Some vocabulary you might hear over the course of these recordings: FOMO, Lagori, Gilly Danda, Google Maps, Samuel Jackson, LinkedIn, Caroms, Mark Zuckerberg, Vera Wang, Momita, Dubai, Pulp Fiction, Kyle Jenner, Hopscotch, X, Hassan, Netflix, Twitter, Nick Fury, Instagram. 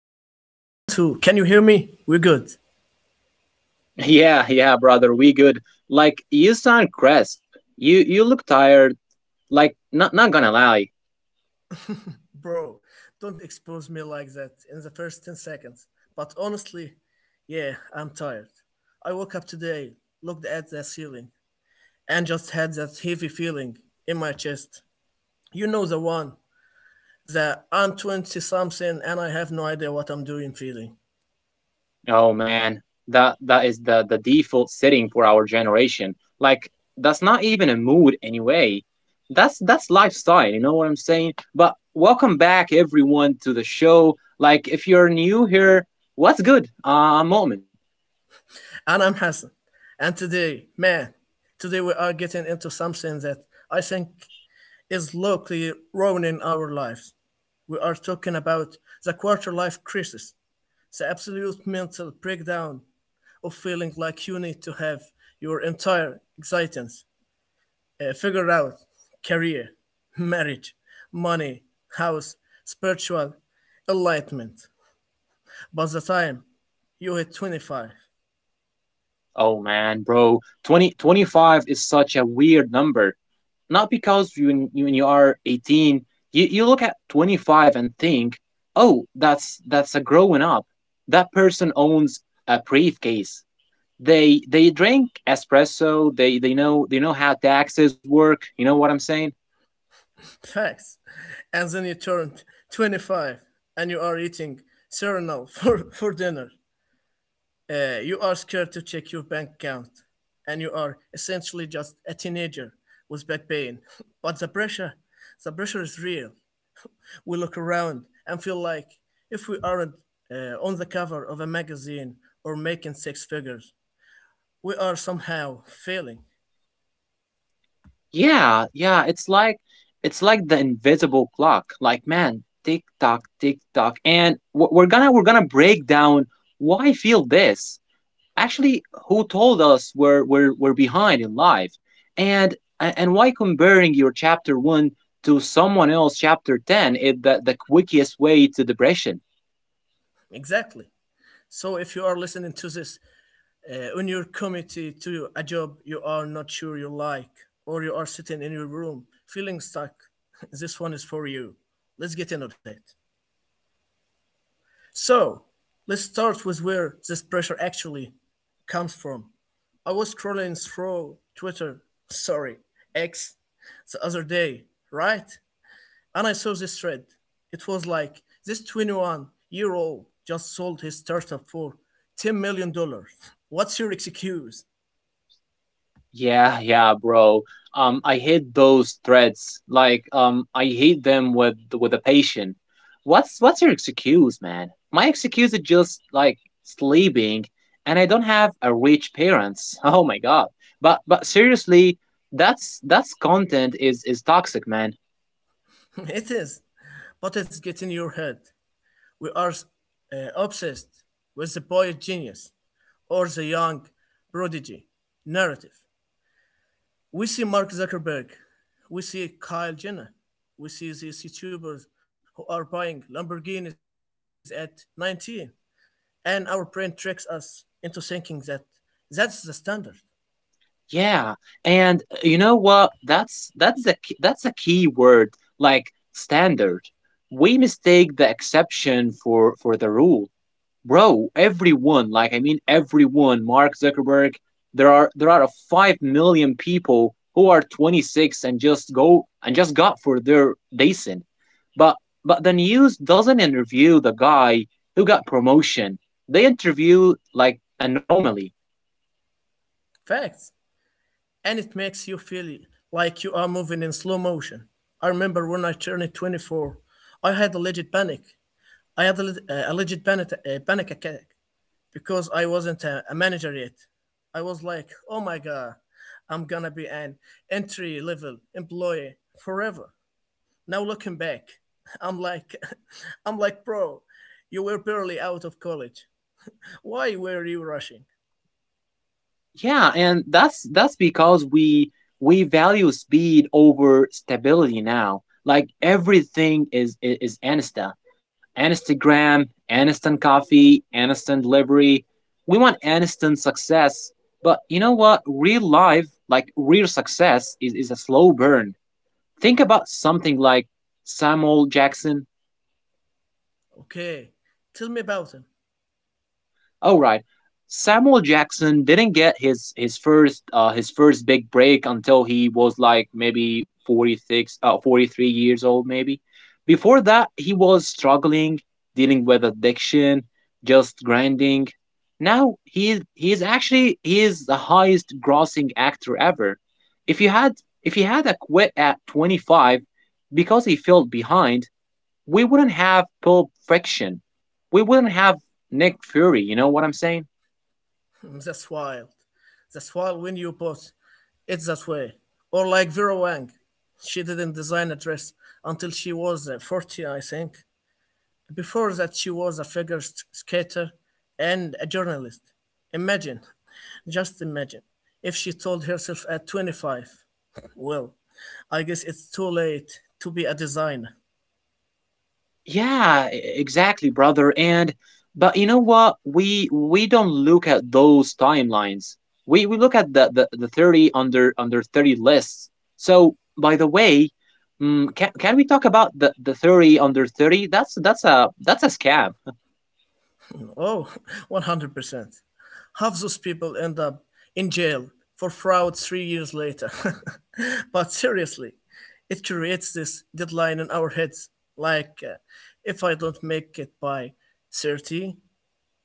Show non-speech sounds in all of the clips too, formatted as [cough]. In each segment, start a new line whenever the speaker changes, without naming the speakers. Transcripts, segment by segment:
mic check. One, two. Can you hear me? We're good.
Yeah, yeah, brother, we good. Like you sound crisp. You look tired. Like not gonna lie.
Bro, don't expose me like that in the first 10 seconds. But honestly, yeah, I'm tired. I woke up today, looked at the ceiling, and just had that heavy feeling in my chest. You know the one, that I'm 20 something and I have no idea what I'm doing feeling.
Oh man, that is the default setting for our generation. Like that's not even a mood anyway. That's lifestyle. You know what I'm saying? But welcome back everyone to the show. Like if you're new here, what's good? I'm Moment.
And I'm Hassan. And today, man, today we are getting into something that I think is locally ruining our lives. We are talking about the quarter life crisis, the absolute mental breakdown of feeling like you need to have your entire existence figured out: career, marriage, money, house, spiritual enlightenment. By the time you hit 25,
Oh man, bro, 20 25 is such a weird number, not because you when you are 18 you look at 25 and think, oh that's a growing up, that person owns a briefcase, they drink espresso, they know how taxes work, you know what I'm saying?
facts, and then you turn 25 and you are eating cereal for, [laughs] for dinner. You are scared to check your bank account, and you are essentially just a teenager with back pain. [laughs] But the pressure is real. We look around and feel like if we aren't on the cover of a magazine or making six figures, we are somehow failing.
Yeah, yeah, it's like the invisible clock, like man, tick tock tick tock, and we're gonna break down why I feel this. Actually, who told us we're behind in life, and why comparing your chapter 1 to someone else chapter 10 is the quickest way to depression.
Exactly. So if you are listening to this on your committee to a job you are not sure you like, or you are sitting in your room feeling stuck, [laughs] this one is for you. Let's get into it. So, let's start with where this pressure actually comes from. I was scrolling through Twitter, sorry, X, the other day, right? And I saw this thread. It was like this 21-year-old just sold his startup for $10 million. Dollars. What's your excuse?
Yeah, yeah, bro. I hate those threats. I hate them with a patient. What's your excuse, man? My excuse is just like sleeping, and I don't have a rich parents. [laughs] Oh my god. But seriously, that's content is toxic, man.
[laughs] It is, but it's getting in your head. We are obsessed with the boy genius or the young prodigy narrative. We see Mark Zuckerberg, we see Kyle Jenner, we see these YouTubers who are buying Lamborghinis at 19, and our brain tricks us into thinking that that's the standard.
Yeah, and you know what? That's a key word, like standard. We mistake the exception for the rule. Bro, everyone, like I mean everyone, Mark Zuckerberg, there are 5 million people who are 26 and just go and just got for their decent. But but the news doesn't interview the guy who got promotion. They interview like anomaly.
Facts. And it makes you feel like you are moving in slow motion. I remember when I turned 24, I had a legit panic. I had a, a legit panic, a panic attack, because I wasn't a manager yet. I was like, oh my God, I'm gonna be an entry level employee forever. Now looking back, I'm like, [laughs] I'm like, bro, you were barely out of college. Why were you rushing?
Yeah, and that's because we value speed over stability now. Like everything is Insta, Instagram, Aniston coffee, Aniston delivery. We want Aniston success, but you know what? Real life, like real success, is a slow burn. Think about something like Samuel Jackson.
Okay, tell me about him.
All right. Samuel Jackson didn't get his first big break until he was like maybe 46 43 years old maybe. Before that, he was struggling, dealing with addiction, just grinding. Now he is actually he is the highest grossing actor ever. If you had if he had a quit at 25 because he felt behind, we wouldn't have Pulp Fiction. We wouldn't have Nick Fury. You know what I'm saying?
[laughs] That's wild. That's wild when you put it that way. Or like Vera Wang. She didn't design a dress until she was 40, I think. Before that, she was a figure skater and a journalist. Imagine, just imagine, if she told herself at 25, well, I guess it's too late to be a designer.
Yeah, exactly, brother. And but you know what? We don't look at those timelines. We look at the 30 under 30 lists. So, by the way, can we talk about the 30 under 30? That's a scam.
Oh, [laughs] 100%. Half those people end up in jail for fraud 3 years later. [laughs] But seriously, it creates this deadline in our heads. Like, if I don't make it by 30,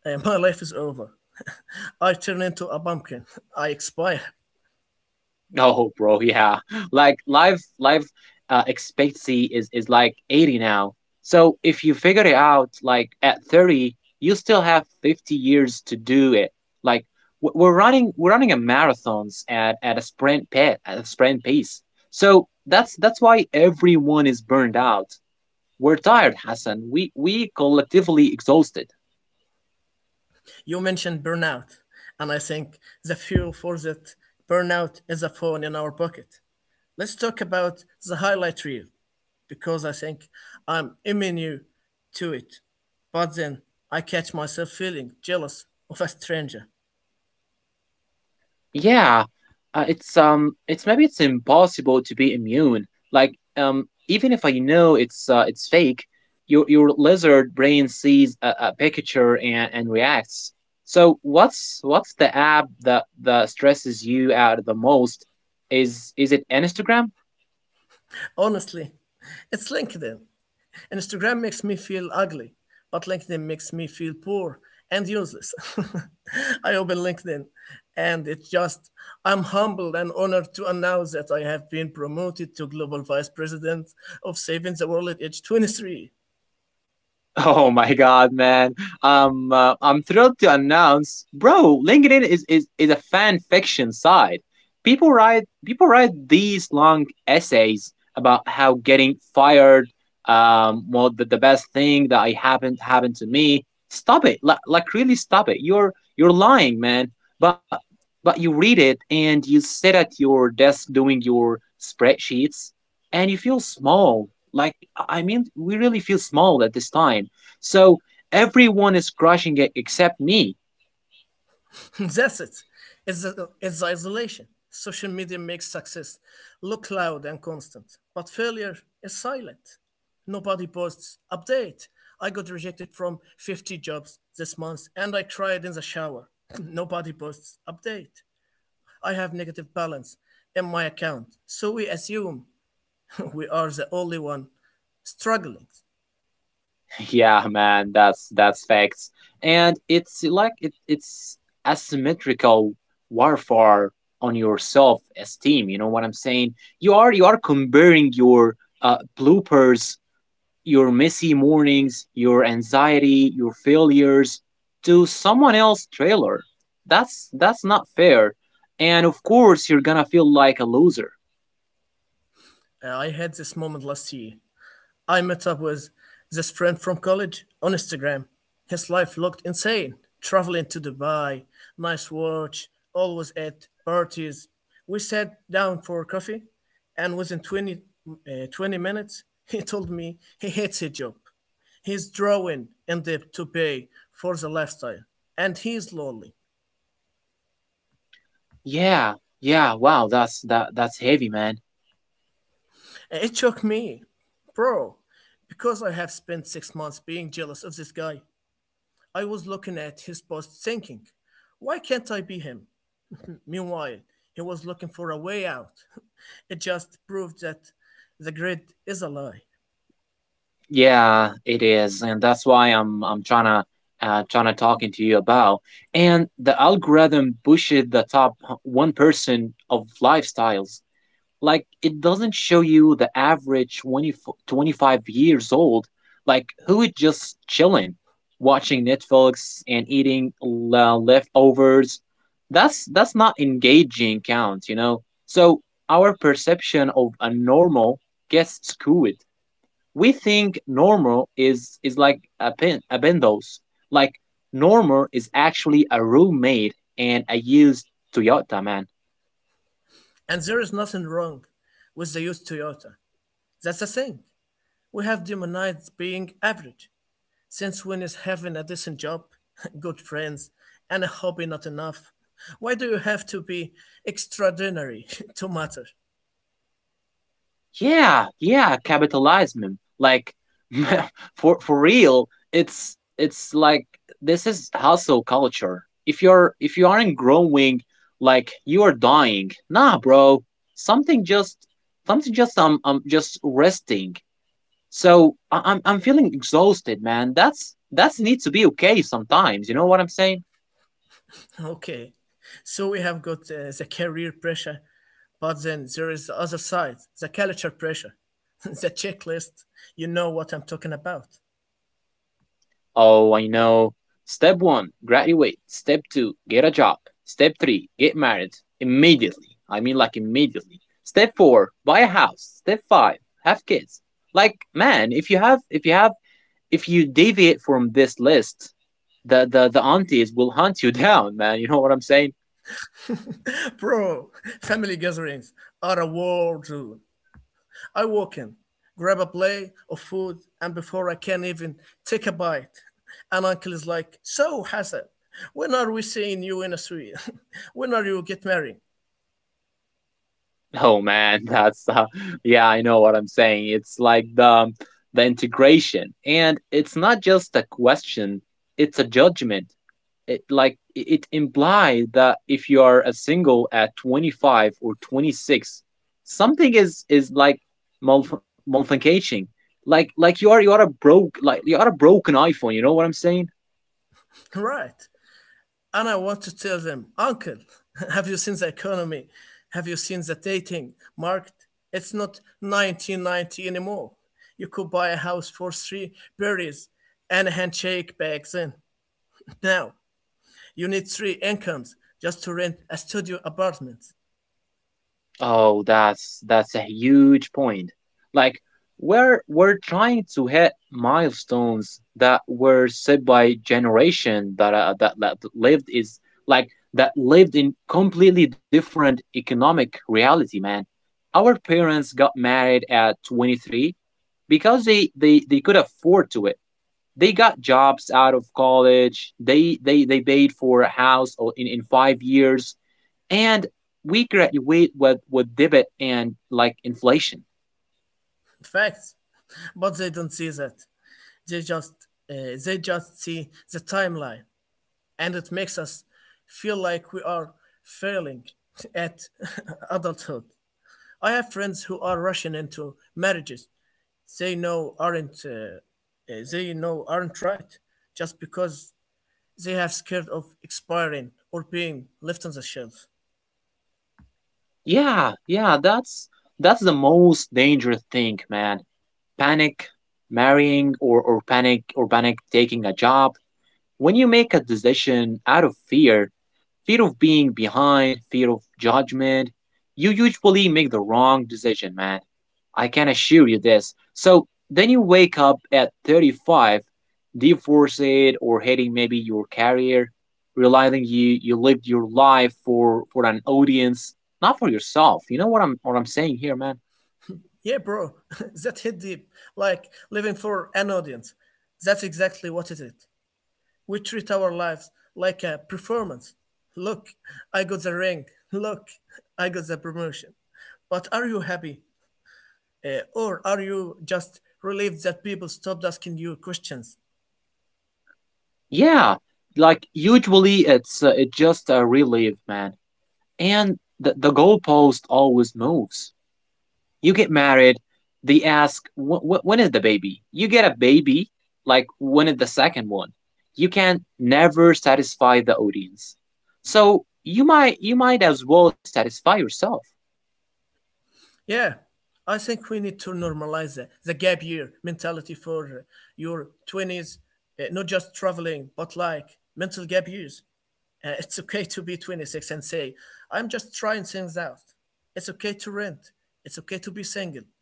My life is over. [laughs] I turn into a pumpkin. I expire.
[laughs] Oh, bro, yeah. Like life expectancy is like 80 now. So if you figure it out, like at 30, you still have 50 years to do it. Like we're running a marathons at a sprint pace, at a sprint pace. So that's why everyone is burned out. We're tired, Hassan. We collectively exhausted.
You mentioned burnout, and I think the fuel for that burnout is a phone in our pocket. Let's talk about the highlight reel, because I think I'm immune to it. But then I catch myself feeling jealous of a stranger.
Yeah, it's maybe it's impossible to be immune. Like even if I know it's fake, your lizard brain sees a picture and reacts. So what's the app that stresses you out the most, is it an Instagram?
Honestly, it's LinkedIn. Instagram makes me feel ugly, but LinkedIn makes me feel poor and useless. [laughs] I open LinkedIn and it just, I'm humbled and honored to announce that I have been promoted to Global Vice President of Saving the World at age 23.
[laughs] Oh my god, man! I'm thrilled to announce, bro. LinkedIn is a fan fiction site. People write these long essays about how getting fired, well, the best thing that I happened to me. Stop it, like, really stop it. You're lying, man. But but you read it and you sit at your desk doing your spreadsheets, and you feel small. Like I mean, we really feel small at this time. So everyone is crushing it except me. [laughs]
[laughs] That's it. It's the isolation. Social media makes success look loud and constant, but failure is silent. Nobody posts, update. I got rejected from 50 jobs this month and I cried in the shower. [laughs] [clears throat] Nobody posts, update. I have negative balance in my account, so we assume [laughs] we are the only one struggling.
Yeah, man, that's facts. And it's like it's asymmetrical warfare on your self-esteem. You know what I'm saying? You are comparing your bloopers, your messy mornings, your anxiety, your failures to someone else's trailer. That's not fair. And of course you're gonna feel like a loser.
I had this moment last year. I met up with this friend from college on Instagram. His life looked insane. Traveling to Dubai, nice watch, always at parties. We sat down for coffee, and 20 minutes, [laughs] he told me he hates his job. He's drawing in debt to pay for the lifestyle, and he's lonely.
Yeah, yeah, wow, that's heavy, man.
It shook me, bro, because I have spent 6 months being jealous of this guy. I was looking at his post thinking, why can't I be him? Meanwhile, he was looking for a way out. [laughs] It just proved that the grid is a lie.
Yeah, it is. And that's why I'm trying to talking to you about. And the algorithm pushes the top 1% of lifestyles, like it doesn't show you the average 20 25 years old, like who is just chilling watching netflix and eating leftovers. That's not engaging count, you know? So our perception of a normal gets skewed. We think normal is like a pin a bendos, like normal is actually a roommate and a used toyota, man.
And there is nothing wrong with the used Toyota. That's the thing. We have demonized being average. Since when is having a decent job, [laughs] good friends, and a hobby not enough? Why do you have to be extraordinary [laughs] to matter?
Yeah, yeah, capitalism. Like [laughs] for real, it's like this is hustle culture. If you're if you aren't growing, like you are dying. Nah, bro. Something just resting. So I'm feeling exhausted, man. That's need to be okay sometimes. You know what I'm saying?
Okay, so we have got the career pressure, but then there is the other side, the culture pressure, [laughs] the checklist. You know what I'm talking about.
Oh, I know. Step one, graduate. Step two, get a job. Step three, get married immediately. I mean, like, immediately. Step four, buy a house. Step five, have kids. Like, man, if you deviate from this list, the aunties will hunt you [laughs] down, man. You know what I'm saying?
[laughs] Bro, family gatherings are a war zone. I walk in, grab a plate of food, and before I can even take a bite, an uncle is like, "So, Hassan, when are we seeing you in a suite? [laughs] When are you get married?"
Oh man, [laughs] that's yeah, I know what I'm saying. It's like the integration, and it's not just a question; it's a judgment. It, like, it implies that if you are a single at 25 or 26, something is like malfunctioning. Like you are a broken iPhone. You know what I'm saying?
[laughs] Right. And I want to tell them, "Uncle, [laughs] have you seen the economy? Have you seen the dating market? It's not 1990 anymore. You could buy a house for three berries and a handshake back then." [laughs] Now, you need three incomes just to rent a studio apartment.
Oh, that's a huge point. Like we're trying to hit milestones that were set by generation that lived in completely different economic reality, man. Our parents got married at 23 because they could afford to it. They got jobs out of college. They paid for a house or in 5 years and we graduate with debit and like inflation.
Facts. But they don't see that. They just, they just see the timeline, and it makes us feel like we are failing [laughs] at [laughs] adulthood. I have friends who are rushing into marriages they know aren't uh, they know aren't right just because they have scared of expiring or being left on the shelf.
Yeah, yeah, that's the most dangerous thing, man. Panic marrying or panic taking a job, when you make a decision out of fear, fear of being behind, fear of judgment, you usually make the wrong decision, man. I can assure you this. So then you wake up at 35, divorced or hating maybe your career, realizing you lived your life for an audience, not for yourself. You know what I'm saying here, man?
Yeah, bro, [laughs] that hit deep. Like living for an audience. That's exactly what it is. We treat our lives like a performance. Look, I got the ring. Look, I got the promotion. But are you happy? Or are you just relieved that people stopped asking you questions?
Yeah, like usually it's just a relief, man. And the goalpost always moves. You get married, they ask, When is the baby?" You get a baby, like, when is the second one? You can never satisfy the audience. So you might as well satisfy yourself.
Yeah, I think we need to normalize the gap year mentality for your 20s, not just traveling, but like mental gap years. [laughs] It's okay to be 26 and say, I'm just trying things out. It's okay to rent. It's okay to be single. [laughs]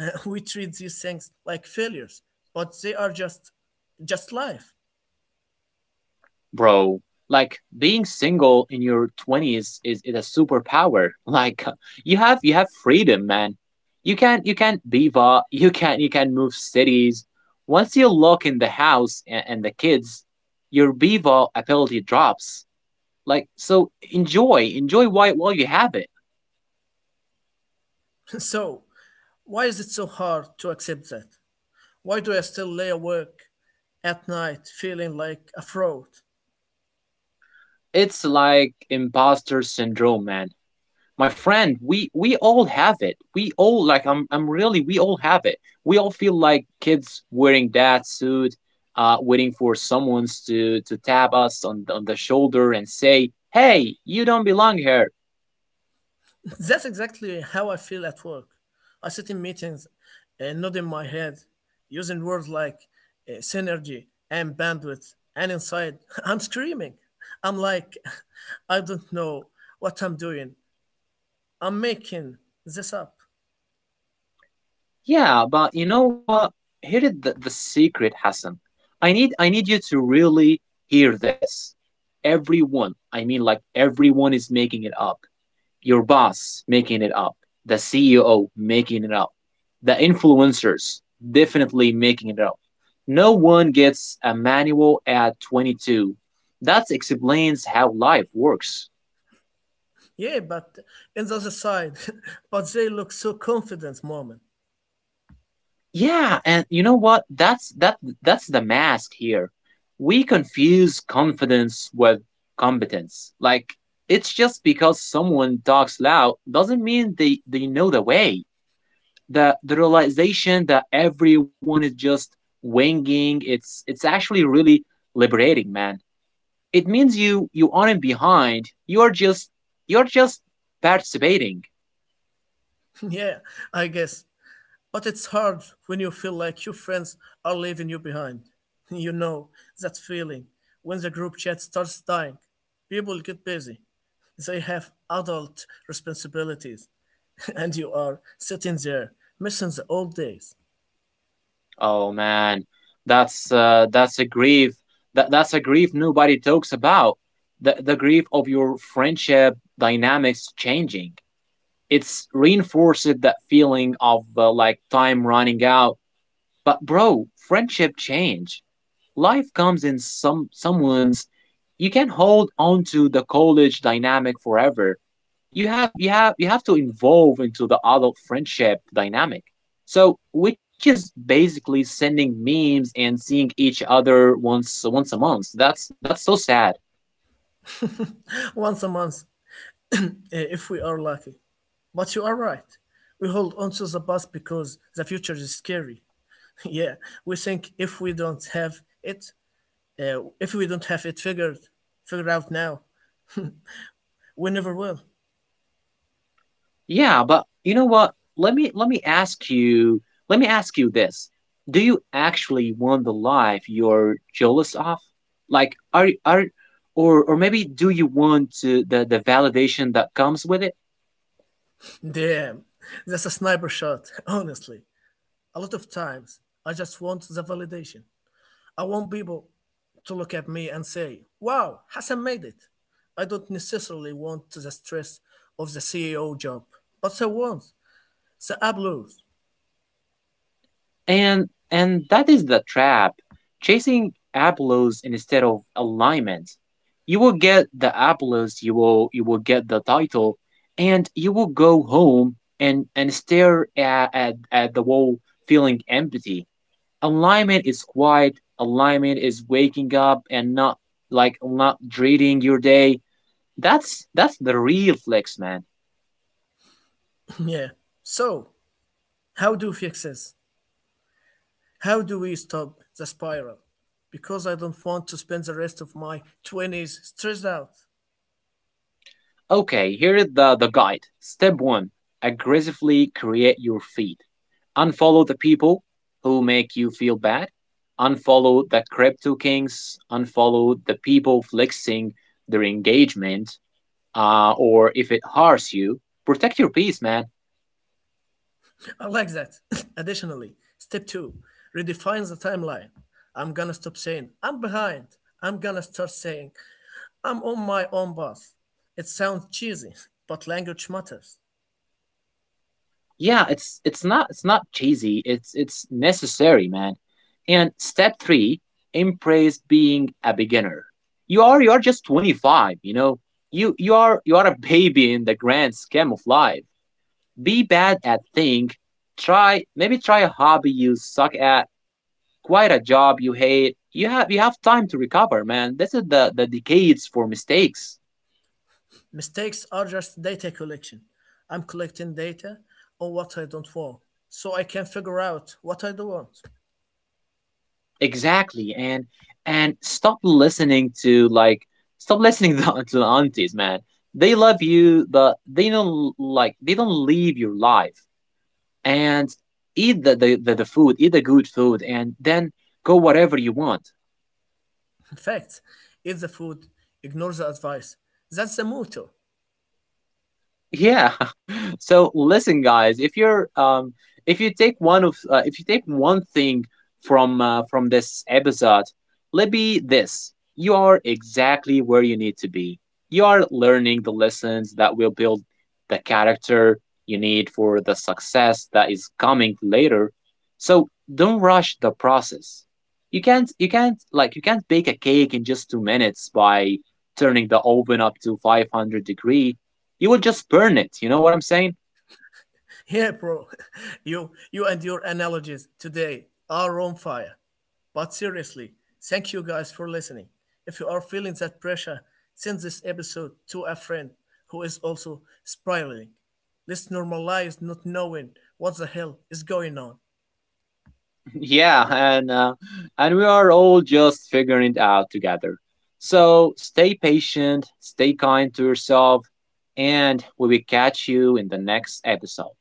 We treat these things like failures, but they are just life.
Bro, like being single in your 20s is a superpower, [laughs] like you have freedom, man. You can beaver, [laughs] you can move cities. Once you lock in the house and the kids, your beaver ability drops, like so enjoy while you have it.
[laughs] So, why is it so hard to accept that? Why do I still lay awake at night feeling like a fraud?
It's like imposter syndrome, man. My friend, we all have it. We all, like, I'm really, we all have it. We all feel like kids wearing that suit, waiting for someone to tap us on the shoulder and say, "Hey, you don't belong here."
That's exactly how I feel at work. I sit in meetings, nodding my head, using words like synergy and bandwidth, and inside [laughs] I'm screaming. I'm like, [laughs] I don't know what I'm doing. I'm making this up.
Yeah, but you know what? Here is the secret, Hassan. I need you to really hear this. Everyone, I mean, like everyone, is making it up. Your boss making it up, the CEO making it up, the influencers definitely making it up. No one gets a manual at 22. That explains how life works.
Yeah, but in the other side, [laughs] but they look so confident, Moment.
Yeah, and you know what? That's the mask here. We confuse confidence with competence. Like, it's just because someone talks loud doesn't mean they know the way. The realization that everyone is just winging it's actually really liberating, man. It means you aren't behind, you're just participating.
[laughs] Yeah, I guess. But it's hard when you feel like your friends are leaving you behind. [laughs] You know that feeling when the group chat starts dying. People get busy. They have adult responsibilities. [laughs] And you are sitting there missing the old days.
Oh man, that's uh, that's a grief that's a grief nobody talks about, the grief of your friendship dynamics changing. It's reinforced that feeling of like time running out. But bro, friendship change. Life comes in. Some someone's You can't hold on to the college dynamic forever. You have to involve into the adult friendship dynamic, so which is basically sending memes and seeing each other once a month. That's so sad.
Once a month, [clears throat] eh, if we are lucky. But you are right. We hold on to the past because the future is scary. [laughs] Yeah, we think if we don't have it, if we don't have it figured, figured out now, we never will.
Yeah, but you know what? Let me ask you let me ask you this. Do you actually want the life you're jealous of? Like are or maybe do you want to, the validation that comes with it?
Damn, that's a sniper shot, [laughs] honestly. A lot of times, I just want the validation. I want people to look at me and say, wow, Hassan made it. I don't necessarily want the stress of the CEO job, but I want the app.
And that is the trap. Chasing applause instead of alignment. You will get the applause. You will get the title, and you will go home and stare at the wall feeling empty. Alignment is quiet. Alignment is waking up and not not dreading your day. That's the real flex, man.
[laughs] Yeah. So, how do we fix this? How do we stop the spiral? Because I don't want to spend the rest of my 20s stressed out.
Okay, here is the guide. Step one, aggressively create your feed. Unfollow the people who make you feel bad. Unfollow the crypto kings. Unfollow the people flexing their engagement, or if it hurts you, protect your peace, man.
I like that. [laughs] Additionally, step two redefines the timeline. I'm gonna stop saying, I'm behind. I'm gonna start saying, I'm on my own path. It sounds cheesy, but language matters.
Yeah, it's not cheesy, it's necessary, man. And step three, embrace being a beginner. You are just 25, you know? You are a baby in the grand scheme of life. Be bad at thing. Try maybe try a hobby you suck at. Quite a job you hate. You have time to recover, man. This is the decades for mistakes.
Mistakes are just data collection. I'm collecting data on what I don't want, so I can figure out what I do want.
Exactly, and and stop listening to like stop listening [laughs] to, the aunties, man. They love you, but they don't live your life. And eat the food, eat the good food, and then go whatever you want.
In fact, eat the food, ignore the advice. That's the motto.
Yeah. [laughs] So listen, guys, if you take one thing from this episode, let be this: you are exactly where you need to be. You are learning the lessons that will build the character you need for the success that is coming later. So don't rush the process. You can't bake a cake in just 2 minutes by turning the oven up to 500 degree, you would just burn it. You know what I'm saying? [laughs]
Yeah, bro. [laughs] You and your analogies today are on fire. But seriously, thank you guys for listening. If you are feeling that pressure, send this episode to a friend who is also spiraling. Let's normalize not knowing what the hell is going on.
Yeah, and we are all just figuring it out together. So stay patient, stay kind to yourself, and we will catch you in the next episode.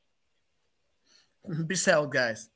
[laughs] Peace out, guys.